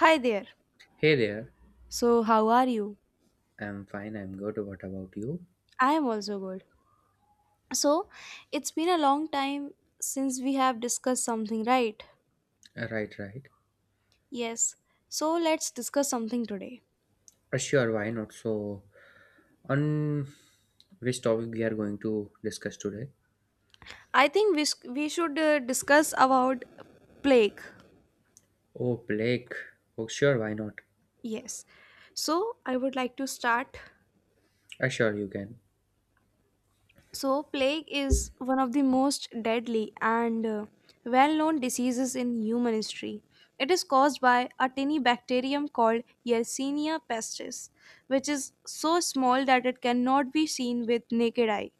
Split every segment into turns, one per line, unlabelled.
Hi there.
Hey there.
So, how are you?
I'm fine. I'm good. What about you?
I am also good. So, it's been a long time since we have discussed something, right?
Right, right.
Yes. So, let's discuss something today.
Sure, why not? So, on which topic we are going to discuss today?
I think we should discuss about plague.
Oh, plague. Oh, sure, why not?
Yes. So, I would like to start.
Sure, you can.
So, plague is one of the most deadly and well known diseases in human history. It is caused by a tiny bacterium called Yersinia pestis, which is so small that it cannot be seen with naked eye.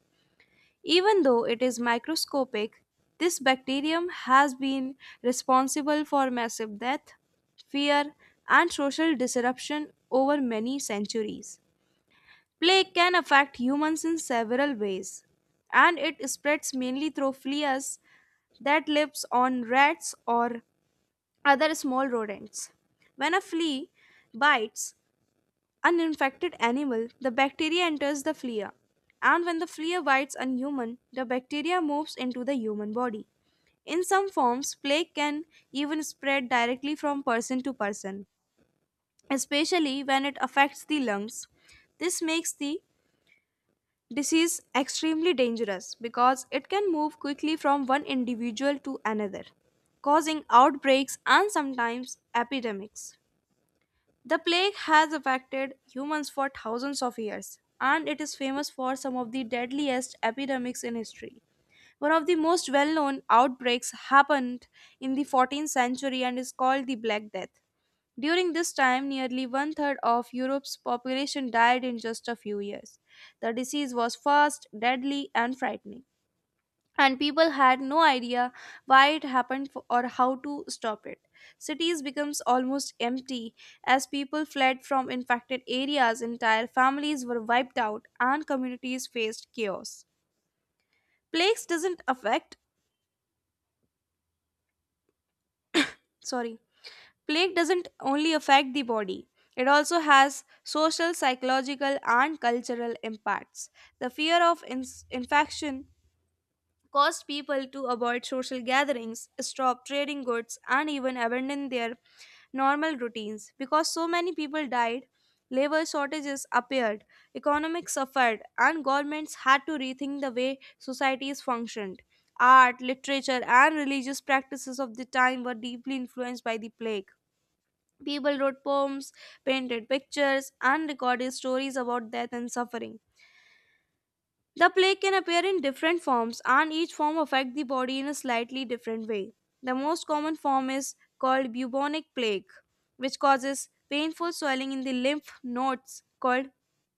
Even though it is microscopic, this bacterium has been responsible for massive death, fear, and social disruption over many centuries. Plague can affect humans in several ways, and it spreads mainly through fleas that lives on rats or other small rodents. When a flea bites an infected animal, the bacteria enters the flea, and when the flea bites a human, the bacteria moves into the human body. In some forms, plague can even spread directly from person to person, especially when it affects the lungs. This makes the This is extremely dangerous because it can move quickly from one individual to another, causing outbreaks and sometimes epidemics. The plague has affected humans for thousands of years, and it is famous for some of the deadliest epidemics in history. One of the most well known outbreaks happened in the 14th century and is called the Black Death. During this time, nearly one third of Europe's population died in just a few years. The disease was fast, deadly, and frightening, and people had no idea why it happened or how to stop it. Cities becomes almost empty as people fled from infected areas, entire families were wiped out, and communities faced chaos. Plagues doesn't affect sorry Plague doesn't only affect the body, it also has social, psychological, and cultural impacts. The fear of ins infection caused people to avoid social gatherings, stop trading goods, and even abandon their normal routines. Because so many people died, labor shortages appeared, economics suffered, and governments had to rethink the way societies functioned. Art, literature, and religious practices of the time were deeply influenced by the plague. People wrote poems, painted pictures, and recorded stories about death and suffering. The plague can appear in different forms, and each form affects the body in a slightly different way. The most common form is called bubonic plague, which causes painful swelling in the lymph nodes called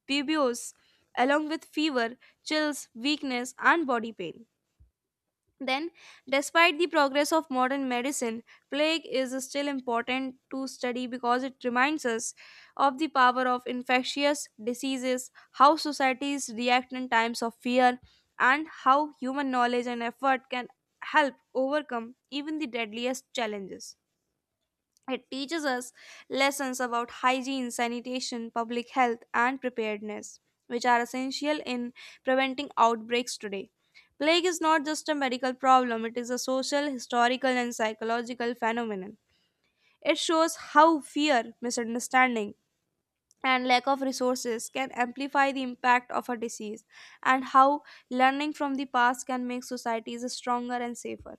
buboes, along with fever, chills, weakness, and body pain. Then, despite the progress of modern medicine, plague is still important to study because it reminds us of the power of infectious diseases, how societies react in times of fear, and how human knowledge and effort can help overcome even the deadliest challenges. It teaches us lessons about hygiene, sanitation, public health, and preparedness, which are essential in preventing outbreaks today. Plague is not just a medical problem, it is a social, historical, and psychological phenomenon. It shows how fear, misunderstanding, and lack of resources can amplify the impact of a disease, and how learning from the past can make societies stronger and safer.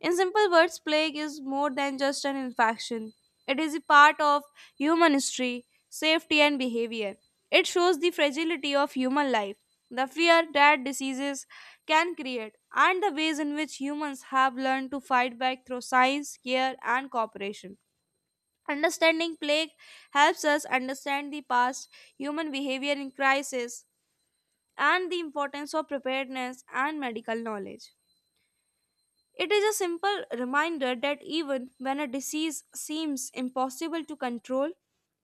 In simple words, plague is more than just an infection. It is a part of human history, safety, and behavior. It shows the fragility of human life, the fear that diseases can create, and the ways in which humans have learned to fight back through science, care, and cooperation. Understanding plague helps us understand the past, human behavior in crisis, and the importance of preparedness and medical knowledge. It is a simple reminder that even when a disease seems impossible to control,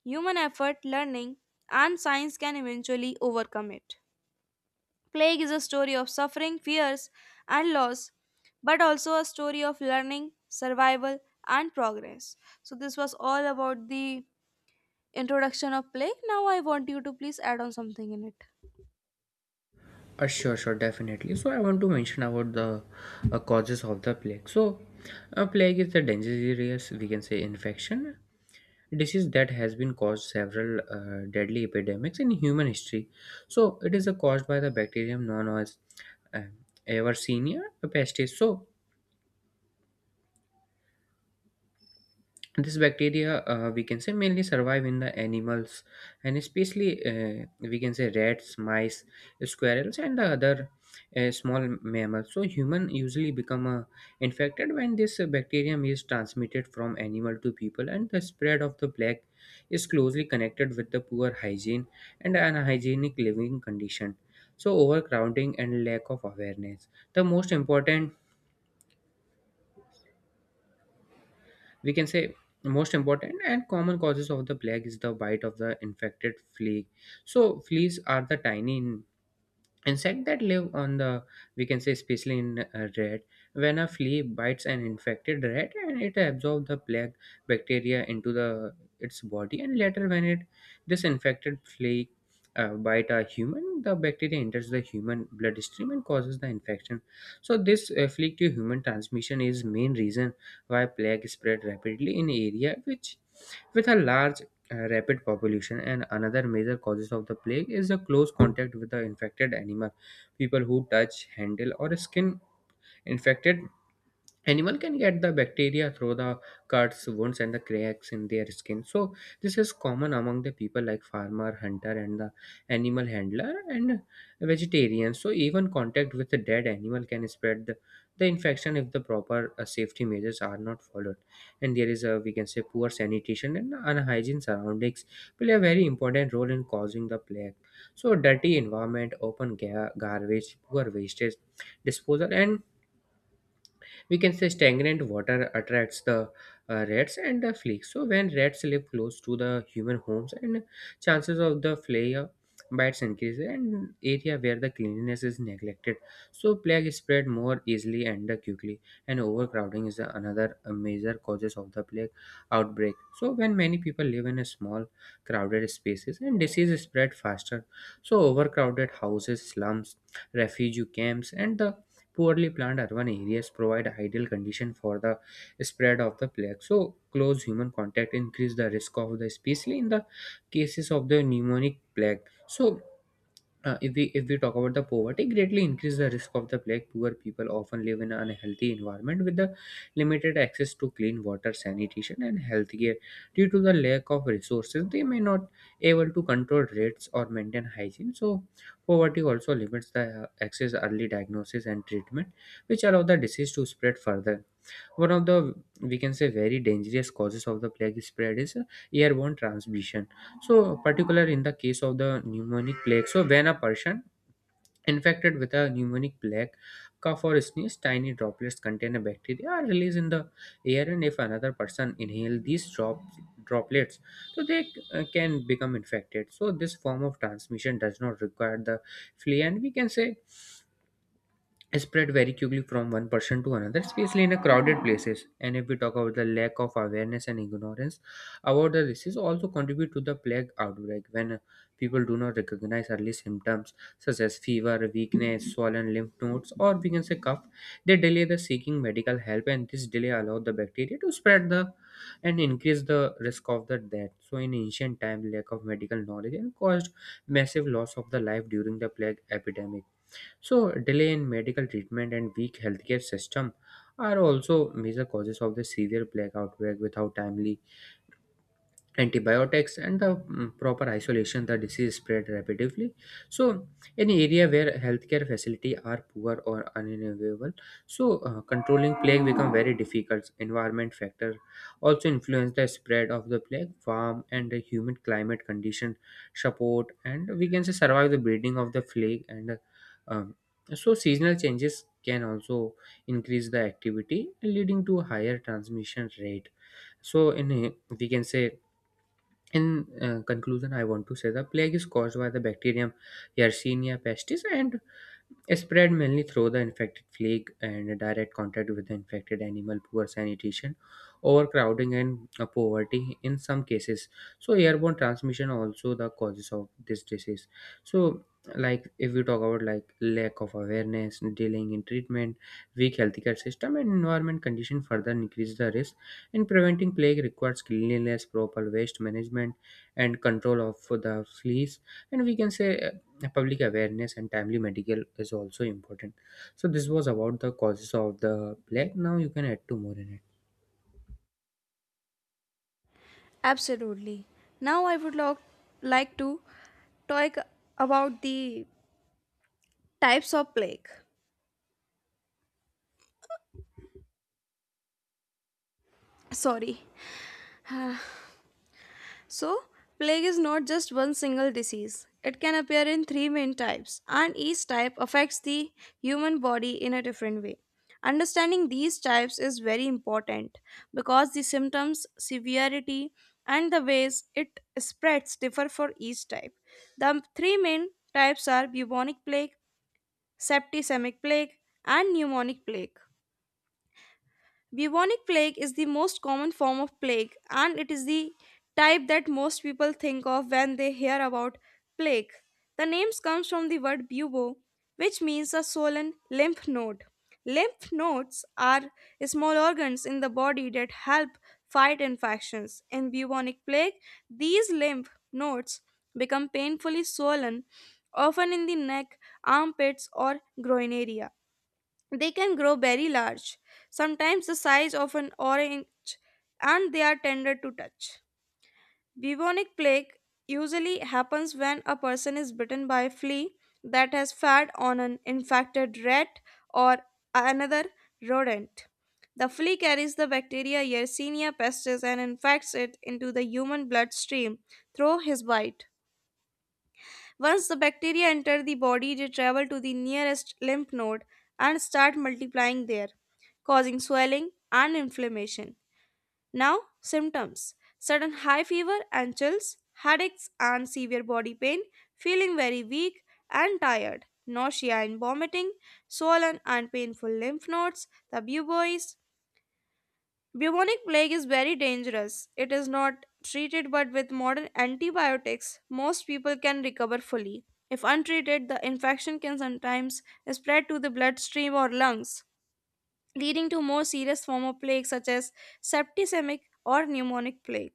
human effort, learning, and science can eventually overcome it. Plague is a story of suffering, fears, and loss, but also a story of learning, survival, and progress. So, this was all about the introduction of plague. Now, I want you to please add on something in it.
Sure, sure, definitely. So, I want to mention about the causes of the plague. So, plague is a dangerous, we can say, infection disease that has been caused several deadly epidemics in human history. So, it is caused by the bacterium known as um, ever senior pestis. So this bacteria we can say mainly survive in the animals and especially we can say rats, mice, squirrels, and the other small mammals. So human usually become infected when this bacterium is transmitted from animal to people, and the spread of the plague is closely connected with the poor hygiene and unhygienic living condition. So overcrowding and lack of awareness. The most important we can say most important and common causes of the plague is the bite of the infected flea, so fleas are the tiny in Insect that live on the, we can say, especially in a rat, when a flea bites an infected rat and it absorbs the plague bacteria into the its body, and later when it this infected flea bite a human, the bacteria enters the human bloodstream and causes the infection. So this flea to human transmission is main reason why plague spread rapidly in area which with a large rapid population, and another major causes of the plague is the close contact with the infected animal. People who touch handle or skin infected Animal can get the bacteria through the cuts, wounds, and the cracks in their skin. So this is common among the people like farmer, hunter, and the animal handler and vegetarians. So even contact with the dead animal can spread the infection if the proper safety measures are not followed. And there is a we can say poor sanitation and unhygiene surroundings play a very important role in causing the plague. So dirty environment, open garbage, poor wastage disposal, and we can say stagnant water attracts the rats and the fleas, so when rats live close to the human homes and chances of the flea bites increase, and area where the cleanliness is neglected, so plague spread more easily and quickly, and overcrowding is another major causes of the plague outbreak, so when many people live in a small crowded spaces and disease spread faster, so overcrowded houses, slums, refugee camps, and the Poorly planned urban areas provide ideal condition for the spread of the plague. So close human contact increase the risk of the, especially in the cases of the pneumonic plague. So if we talk about the poverty, greatly increase the risk of the plague. Poor people often live in an unhealthy environment with the limited access to clean water, sanitation, and healthcare. Due to the lack of resources, they may not able to control rates or maintain hygiene. So, poverty also limits the access, early diagnosis, and treatment, which allow the disease to spread further. One of the we can say very dangerous causes of the plague spread is airborne transmission. So, particular in the case of the pneumonic plague, so when a person infected with a pneumonic plague, cough or sneeze, tiny droplets contain a bacteria are released in the air, and if another person inhale these droplets, so they can become infected. So, this form of transmission does not require the flea, and we can say spread very quickly from one person to another, especially in a crowded places. And if we talk about the lack of awareness and ignorance about the disease, also contribute to the plague outbreak when people do not recognize early symptoms such as fever, weakness, swollen lymph nodes, or we can say cough. They delay the seeking medical help, and this delay allow the bacteria to spread the and increase the risk of the death. So in ancient time, lack of medical knowledge and caused massive loss of the life during the plague epidemic, so, delay in medical treatment and weak healthcare system are also major causes of the severe blackout, where without timely antibiotics and the proper isolation the disease spread rapidly, so in area where healthcare facility are poor or unavailable, so controlling plague become very difficult. Environment factor also influence the spread of the plague. Warm and humid climate condition support and we can say survive the breeding of the plague and um, so seasonal changes can also increase the activity leading to higher transmission rate, so we can say in conclusion, I want to say the plague is caused by the bacterium Yersinia pestis and spread mainly through the infected plague and direct contact with the infected animal, poor sanitation, overcrowding, and poverty in some cases. So, airborne transmission also the causes of this disease. So, like if we talk about like lack of awareness, delaying in treatment, weak healthcare system, and environment condition further increase the risk in preventing plague requires cleanliness, proper waste management, and control of the fleas. And we can say public awareness and timely medical is also important. So this was about the causes of the plague. Now you can add two more in it.
Absolutely. Now I would like to talk about the types of plague. Sorry. So, plague is not just one single disease. It can appear in three main types, and each type affects the human body in a different way. Understanding these types is very important because the symptoms, severity, and the ways it spreads differ for each type. The three main types are bubonic plague, septicemic plague, and pneumonic plague. Bubonic plague is the most common form of plague, and it is the type that most people think of when they hear about plague. The name comes from the word bubo, which means a swollen lymph node. Lymph nodes are small organs in the body that help fight infections. In bubonic plague, these lymph nodes become painfully swollen, often in the neck, armpits, or groin area. They can grow very large, sometimes the size of an orange, and they are tender to touch. Bubonic plague usually happens when a person is bitten by a flea that has fed on an infected rat or another rodent. The flea carries the bacteria Yersinia pestis and infects it into the human bloodstream through his bite. Once the bacteria enter the body, they travel to the nearest lymph node and start multiplying there, causing swelling and inflammation. Now, symptoms: sudden high fever and chills, headaches and severe body pain, feeling very weak and tired, nausea and vomiting, swollen and painful lymph nodes, the bubois. Bubonic plague is very dangerous. It is not treated, but with modern antibiotics, most people can recover fully. If untreated, the infection can sometimes spread to the bloodstream or lungs, leading to more serious form of plague such as septicemic or pneumonic plague.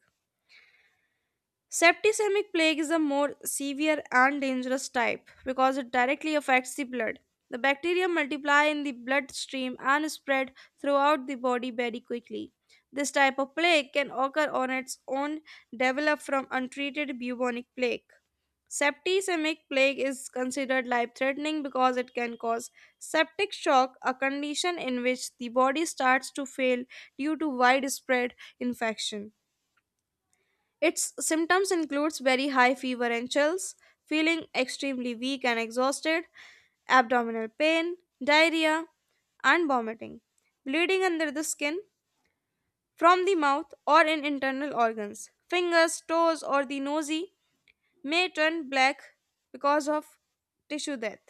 Septicemic plague is a more severe and dangerous type because it directly affects the blood. The bacteria multiply in the bloodstream and spread throughout the body very quickly. This type of plague can occur on its own, develop from untreated bubonic plague. Septicemic plague is considered life threatening because it can cause septic shock, a condition in which the body starts to fail due to widespread infection. Its symptoms includes very high fever and chills, feeling extremely weak and exhausted, abdominal pain, diarrhea, and vomiting, bleeding under the skin, from the mouth or in internal organs. Fingers, toes, or the nosy may turn black because of tissue death.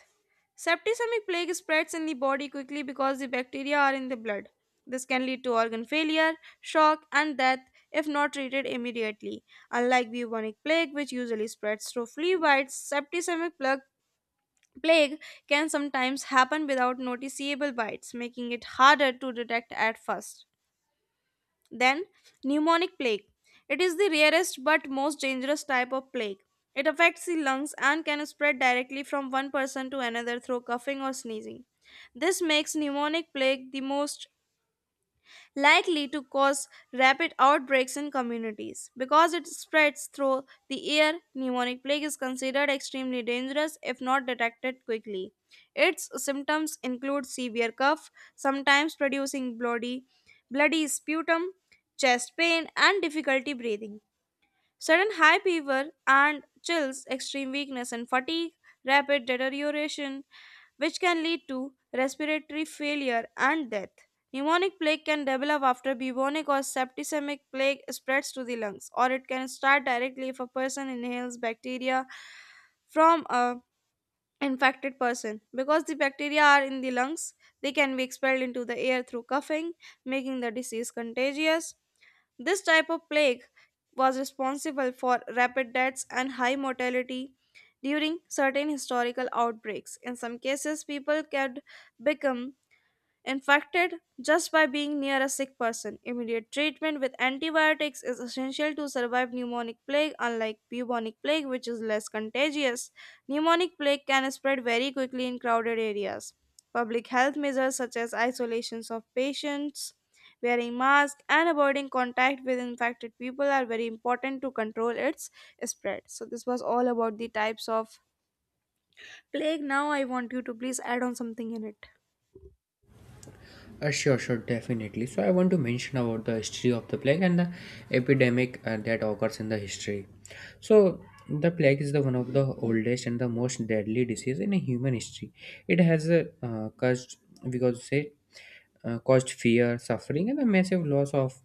Septicemic plague spreads in the body quickly because the bacteria are in the blood. This can lead to organ failure, shock, and death if not treated immediately. Unlike bubonic plague, which usually spreads through flea bites, septicemic plague can sometimes happen without noticeable bites, making it harder to detect at first. Then, pneumonic plague. It is the rarest but most dangerous type of plague. It affects the lungs and can spread directly from one person to another through coughing or sneezing. This makes pneumonic plague the most likely to cause rapid outbreaks in communities. Because it spreads through the air, pneumonic plague is considered extremely dangerous if not detected quickly. Its symptoms include severe cough, sometimes producing bloody sputum, chest pain, and difficulty breathing. Sudden high fever and chills, extreme weakness and fatigue, rapid deterioration, which can lead to respiratory failure and death. Pneumonic plague can develop after bubonic or septicemic plague spreads to the lungs, or it can start directly if a person inhales bacteria from a infected person. Because the bacteria are in the lungs, they can be expelled into the air through coughing, making the disease contagious. This type of plague was responsible for rapid deaths and high mortality during certain historical outbreaks. In some cases, people could become infected just by being near a sick person. Immediate treatment with antibiotics is essential to survive pneumonic plague, unlike bubonic plague, which is less contagious. Pneumonic plague can spread very quickly in crowded areas. Public health measures such as isolations of patients, wearing masks, and avoiding contact with infected people are very important to control its spread. So, this was all about the types of plague. Now, I want you to please add on something in it.
Sure, sure, definitely. So I want to mention about the history of the plague and the epidemic that occurs in the history. So the plague is the one of the oldest and the most deadly disease in a human history. It has caused, we could say, caused fear, suffering, and a massive loss of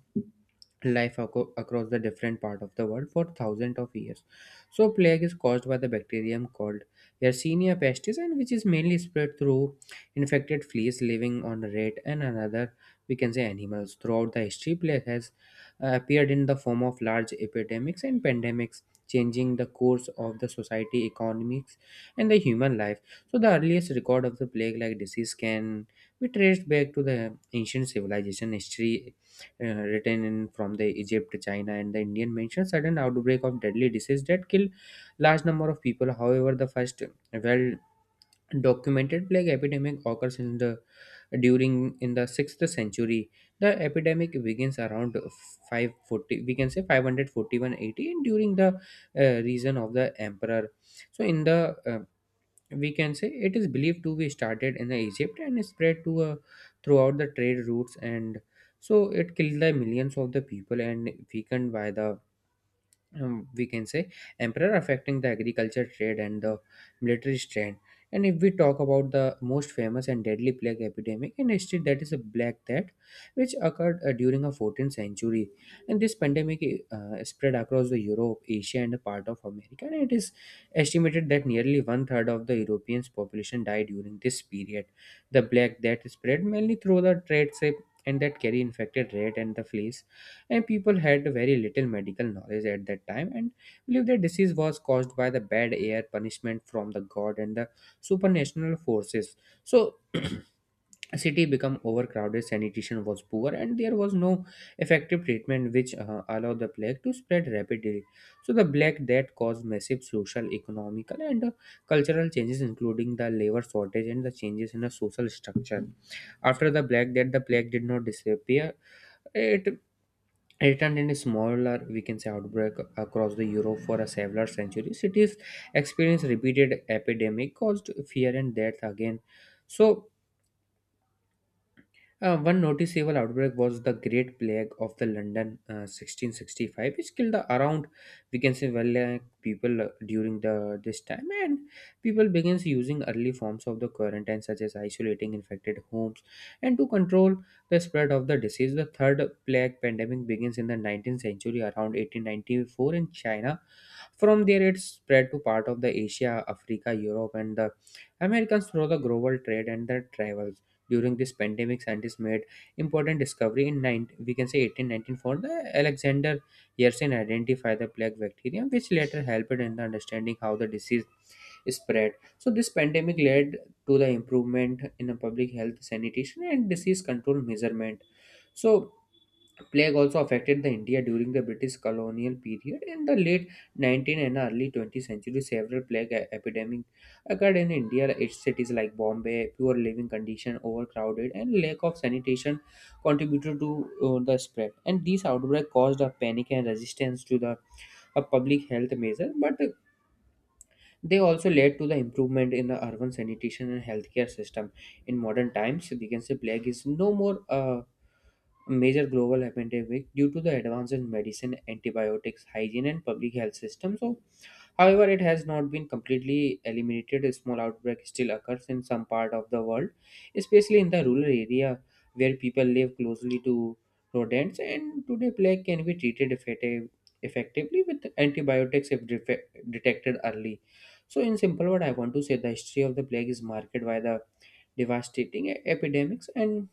life across the different part of the world for thousands of years. So plague is caused by the bacterium called Yersinia pestis, and which is mainly spread through infected fleas living on rat and another we can say animals. Throughout the history, plague has appeared in the form of large epidemics and pandemics changing the course of the society, economics, and the human life. So the earliest record of the plague like disease can be traced back to the ancient civilization history written in from the Egypt, China, and the Indian mention sudden outbreak of deadly disease that killed large number of people. However, the first well documented plague epidemic occurs in the during in the 6th century. The epidemic begins around 540, we can say 541 AD, and during the reign of the emperor. So in the we can say it is believed to be started in Egypt and spread to throughout the trade routes, and so it killed the millions of the people and weakened by the we can say emperor, affecting the agriculture, trade, and the military strength. And if we talk about the most famous and deadly plague epidemic in history, that is a black death, which occurred during a 14th century, and this pandemic spread across the Europe, Asia, and a part of America, and it is estimated that nearly one third of the Europeans population died during this period. The black death spread mainly through the trade ship and that carry infected rat and the fleas, and people had very little medical knowledge at that time and believed that disease was caused by the bad air, punishment from the god, and the supernatural forces. So city become overcrowded, sanitation was poor, and there was no effective treatment, which allowed the plague to spread rapidly, so the black death caused massive social, economical, and cultural changes including the labor shortage and the changes in the social structure. After the black death, the plague did not disappear. It Attendant is smaller, we can say, outbreak across the Europe for a several centuries. Cities experienced repeated epidemic caused fear and death again. So one noticeable outbreak was the Great Plague of the London, 1665, which killed the around we can say well like, people during the this time, and people begins using early forms of the quarantine such as isolating infected homes, and to control the spread of the disease. The third plague pandemic begins in the 19th century around 1894 in China. From there, it spread to part of the Asia, Africa, Europe, and the Americans through the global trade and the travel. During this pandemic scientists made important discovery in 9 we can say 1819 for the Alexander Yersin identified the plague bacterium, which later helped in the understanding how the disease spread. So this pandemic led to the improvement in the public health, sanitation, and disease control measurement. So Plague also affected the India during the British colonial period. In the late 19th and early 20th century, several plague epidemics occurred in India. Its cities like Bombay, poor living condition, overcrowded, and lack of sanitation contributed to the spread. And these outbreaks caused a panic and resistance to the a public health measure, but they also led to the improvement in the urban sanitation and healthcare system. In modern times, we can say plague is no more. Major global epidemic due to the advance in medicine, antibiotics, hygiene, and public health systems. So, however, it has not been completely eliminated. A small outbreak still occurs in some part of the world, especially in the rural area where people live closely to rodents. And today, plague can be treated effectively with antibiotics if detected early. So, in simple word, I want to say the history of the plague is marked by the devastating epidemics and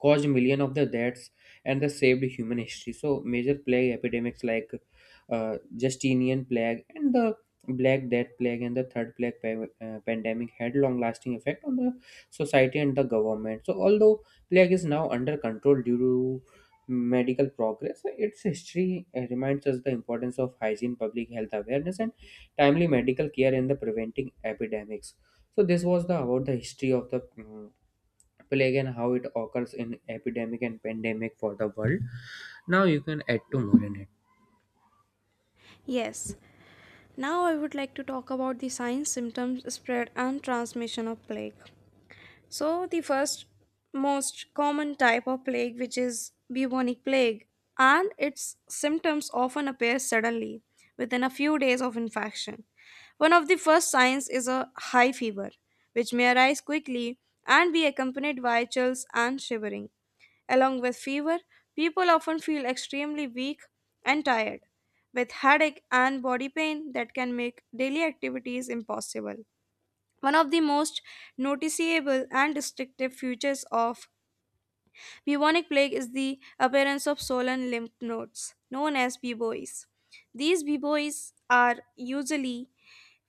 caused million of the deaths and the saved human history. So major plague epidemics like justinian plague and the black death plague and the third plague pandemic had long lasting effect on the society and the government. So although plague is now under control due to medical progress, its history reminds us the importance of hygiene, public health awareness, and timely medical care in the preventing epidemics. So this was the about the history of the plague and how it occurs in epidemic and pandemic for the world. Now you can add to more in it.
Yes. Now, I would like to talk about the signs, symptoms, spread, and transmission of plague. So, the first most common type of plague, which is bubonic plague, and its symptoms often appear suddenly within a few days of infection. One of the first signs is a high fever, which may arise quickly and be accompanied by chills and shivering. Along with fever, people often feel extremely weak and tired, with headache and body pain that can make daily activities impossible. One of the most noticeable and distinctive features of bubonic plague is the appearance of swollen lymph nodes, known as buboes. These buboes are usually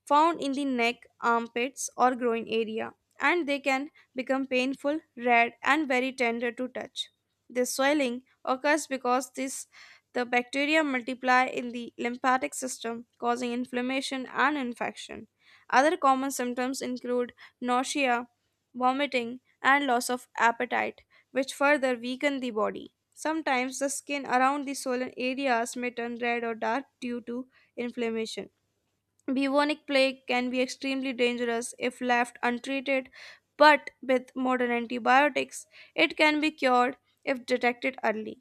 found in the neck, armpits, or groin area, and they can become painful, red, and very tender to touch. This swelling occurs because the bacteria multiply in the lymphatic system, causing inflammation and infection. Other common symptoms include nausea, vomiting, and loss of appetite, which further weaken the body. Sometimes the skin around the swollen areas may turn red or dark due to inflammation. Bubonic plague can be extremely dangerous if left untreated, but with modern antibiotics, it can be cured if detected early.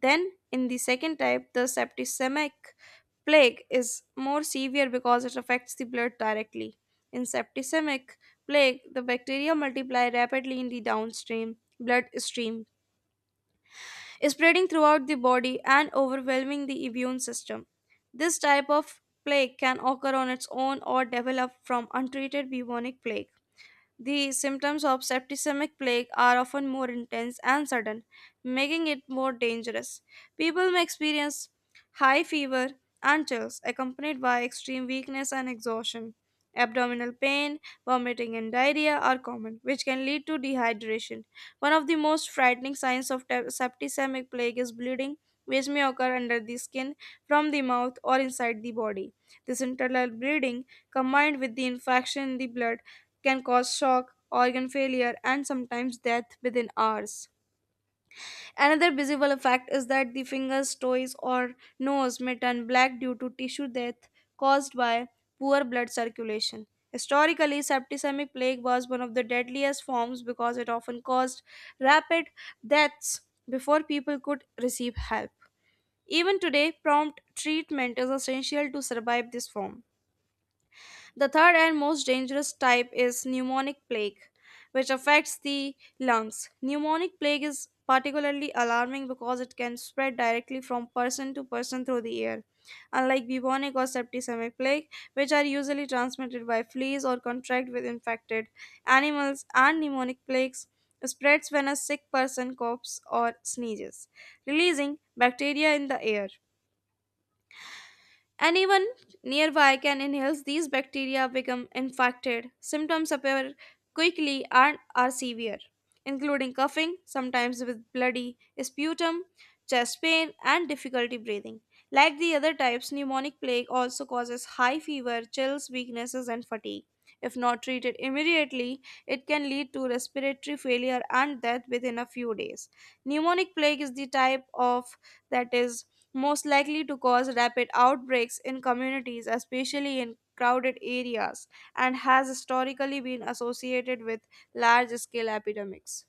Then, in the second type, the septicemic plague is more severe because it affects the blood directly. In septicemic plague, the bacteria multiply rapidly in the downstream bloodstream spreading throughout the body and overwhelming the immune system. This type of plague can occur on its own or develop from untreated bubonic plague. The symptoms of septicemic plague are often more intense and sudden, making it more dangerous. People may experience high fever and chills, accompanied by extreme weakness and exhaustion. Abdominal pain, vomiting, and diarrhea are common, which can lead to dehydration. One of the most frightening signs of septicemic plague is bleeding, which may occur under the skin, from the mouth, or inside the body. This internal bleeding, combined with the infection in the blood, can cause shock, organ failure, and sometimes death within hours. Another visible effect is that the fingers, toes, or nose may turn black due to tissue death caused by poor blood circulation. Historically, septicemic plague was one of the deadliest forms because it often caused rapid deaths before people could receive help. Even today, prompt treatment is essential to survive this form. The third and most dangerous type is pneumonic plague, which affects the lungs. Pneumonic plague is particularly alarming because it can spread directly from person to person through the air. Unlike bubonic or septicemic plague, which are usually transmitted by fleas or contract with infected animals, and pneumonic plagues spreads when a sick person coughs or sneezes, releasing bacteria in the air. Anyone nearby can inhale these bacteria become infected. Symptoms appear quickly and are severe, including coughing, sometimes with bloody sputum, chest pain, and difficulty breathing. Like the other types, pneumonic plague also causes high fever, chills, weaknesses, and fatigue. If not treated immediately, it can lead to respiratory failure and death within a few days. Pneumonic plague is the type of that is most likely to cause rapid outbreaks in communities, especially in crowded areas, and has historically been associated with large scale epidemics.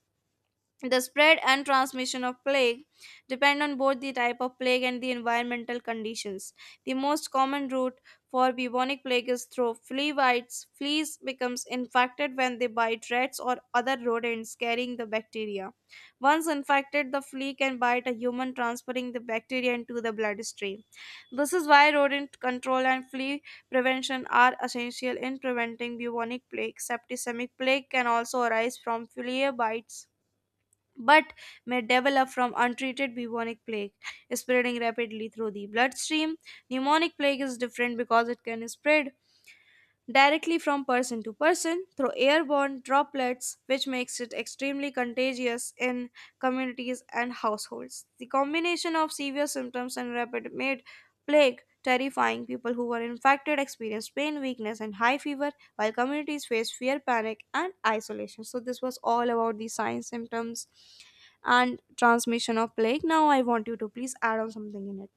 The spread and transmission of plague depend on both the type of plague and the environmental conditions. The most common route for bubonic plague is through flea bites. Fleas becomes infected when they bite rats or other rodents carrying the bacteria. Once infected, the flea can bite a human, transferring the bacteria into the bloodstream. This is why rodent control and flea prevention are essential in preventing bubonic plague. Septicemic plague can also arise from flea bites but may develop from untreated bubonic plague, spreading rapidly through the bloodstream. Pneumonic plague is different because it can spread directly from person to person through airborne droplets, which makes it extremely contagious in communities and households. The combination of severe symptoms and rapid made plague terrifying. People who were infected experienced pain, weakness, and high fever, while communities faced fear, panic, and isolation. So, this was all about the signs, symptoms, and transmission of plague. Now I want you to please add on something in it.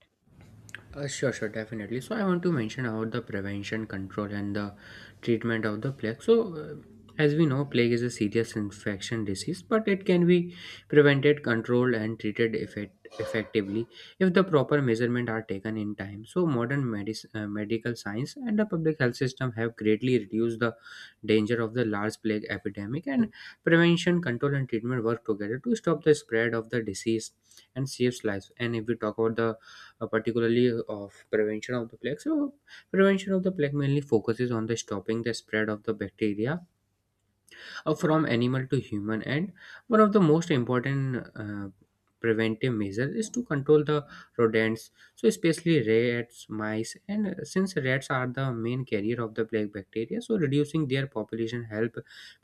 Sure, definitely. So I want to mention about the prevention, control, and the treatment of the plague. So, as we know, plague is a serious infection disease, but it can be prevented, controlled, and treated effectively if the proper measurements are taken in time. So, modern medical science and the public health system have greatly reduced the danger of the large plague epidemic, and prevention, control, and treatment work together to stop the spread of the disease and saves lives. And if we talk about the particularly of prevention of the plague. So, prevention of the plague mainly focuses on the stopping the spread of the bacteria from animal to human, and one of the most important preventive measures is to control the rodents, so especially rats, mice, and since rats are the main carrier of the plague bacteria, so reducing their population help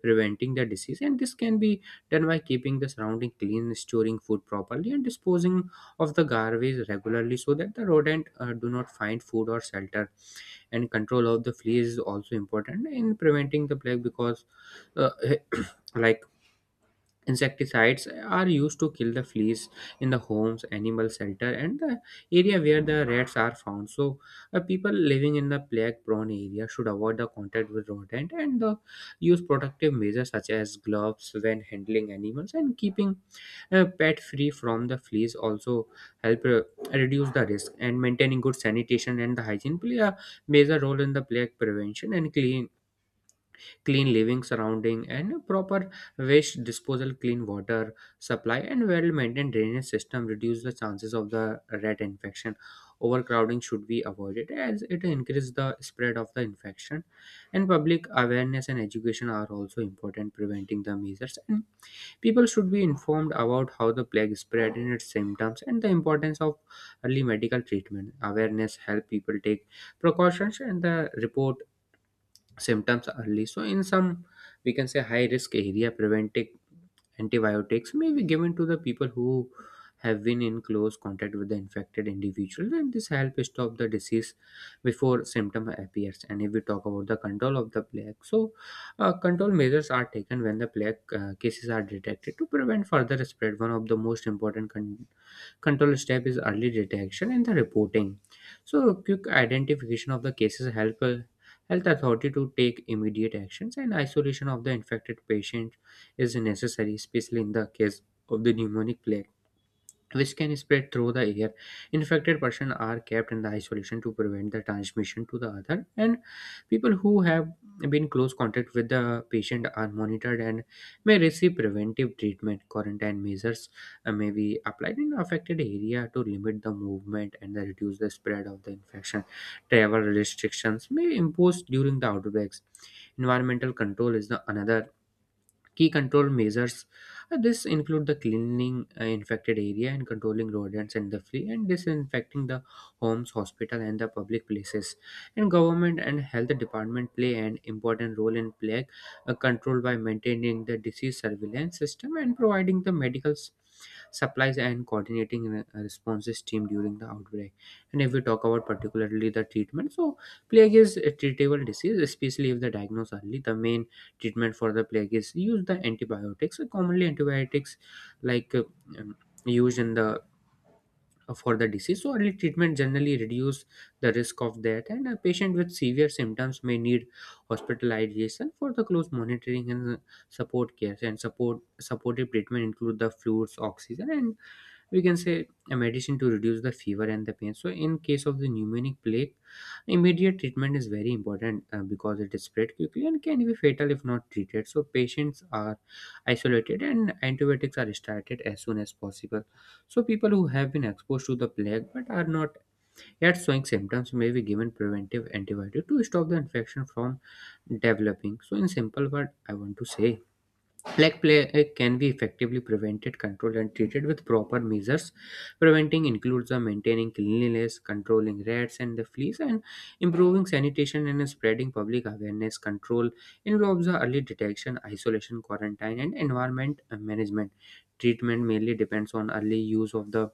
preventing the disease. And this can be done by keeping the surrounding clean, storing food properly, and disposing of the garbage regularly, so that the rodent do not find food or shelter. And control of the flea is also important in preventing the plague because uh, like insecticides are used to kill the fleas in the homes, animal shelter, and the area where the rats are found. So people living in the plague prone area should avoid the contact with rodent, and use protective measures such as gloves when handling animals, and keeping pet free from the fleas also help reduce the risk. And maintaining good sanitation and the hygiene play a major role in the plague prevention, and clean living surrounding and proper waste disposal, clean water supply, and well maintained drainage system reduce the chances of the rat infection. Overcrowding should be avoided as it increases the spread of the infection. And public awareness and education are also important preventing the measles. And people should be informed about how the plague spread and its symptoms and the importance of early medical treatment. Awareness help people take precautions and the report symptoms early. So, in some, we can say high risk area, preventive antibiotics may be given to the people who have been in close contact with the infected individual, and this help stop the disease before symptom appears. And if we talk about the control of the plague, so control measures are taken when the plague cases are detected to prevent further spread. One of the most important control step is early detection and the reporting. So quick identification of the cases help health authority to take immediate actions, and isolation of the infected patient is necessary, especially in the case of the pneumonic plague which can spread through the air. Infected persons are kept in the isolation to prevent the transmission to the other, and people who have been close contact with the patient are monitored and may receive preventive treatment. Quarantine measures may be applied in affected area to limit the movement and then reduce the spread of the infection. Travel restrictions may impose during the outbreaks. Environmental control is the another key control measures. Uh, this include the cleaning infected area and controlling rodents and the flea, and disinfecting the homes, hospital, and the public places. And government and health department play an important role in plague control by maintaining the disease surveillance system and providing the medical supplies and coordinating responses team during the outbreak. And if we talk about particularly the treatment, so plague is a treatable disease, especially if the diagnosed early. The main treatment for the plague is use the antibiotics. So commonly antibiotics like um, used in the for the disease. So early treatment generally reduce the risk of that, and a patient with severe symptoms may need hospitalization for the close monitoring and support care. And supportive treatment include the fluids, oxygen, and we can say a medicine to reduce the fever and the pain. So in case of the pneumonic plague, immediate treatment is very important because it is spread quickly and can be fatal if not treated. So patients are isolated and antibiotics are started as soon as possible. So people who have been exposed to the plague but are not yet showing symptoms may be given preventive antibiotic to stop the infection from developing. So in simple word, I want to say plague play can be effectively prevented, controlled, and treated with proper measures. Preventing includes maintaining cleanliness, controlling rats and the fleas, and improving sanitation and spreading public awareness. Control involves early detection, isolation, quarantine, and environment management. Treatment mainly depends on early use of the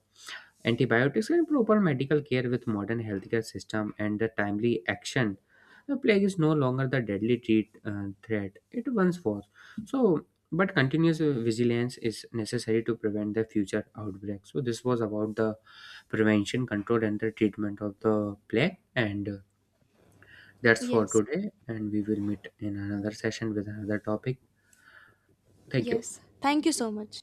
antibiotics and proper medical care with modern healthcare system and the timely action. The plague is no longer the deadly threat it once was. So, but continuous vigilance is necessary to prevent the future outbreaks. So, this was about the prevention, control, and the treatment of the plague. And that's for
Yes,
today. And we will meet in another session with another topic. Thank you.
yes. Thank you so much.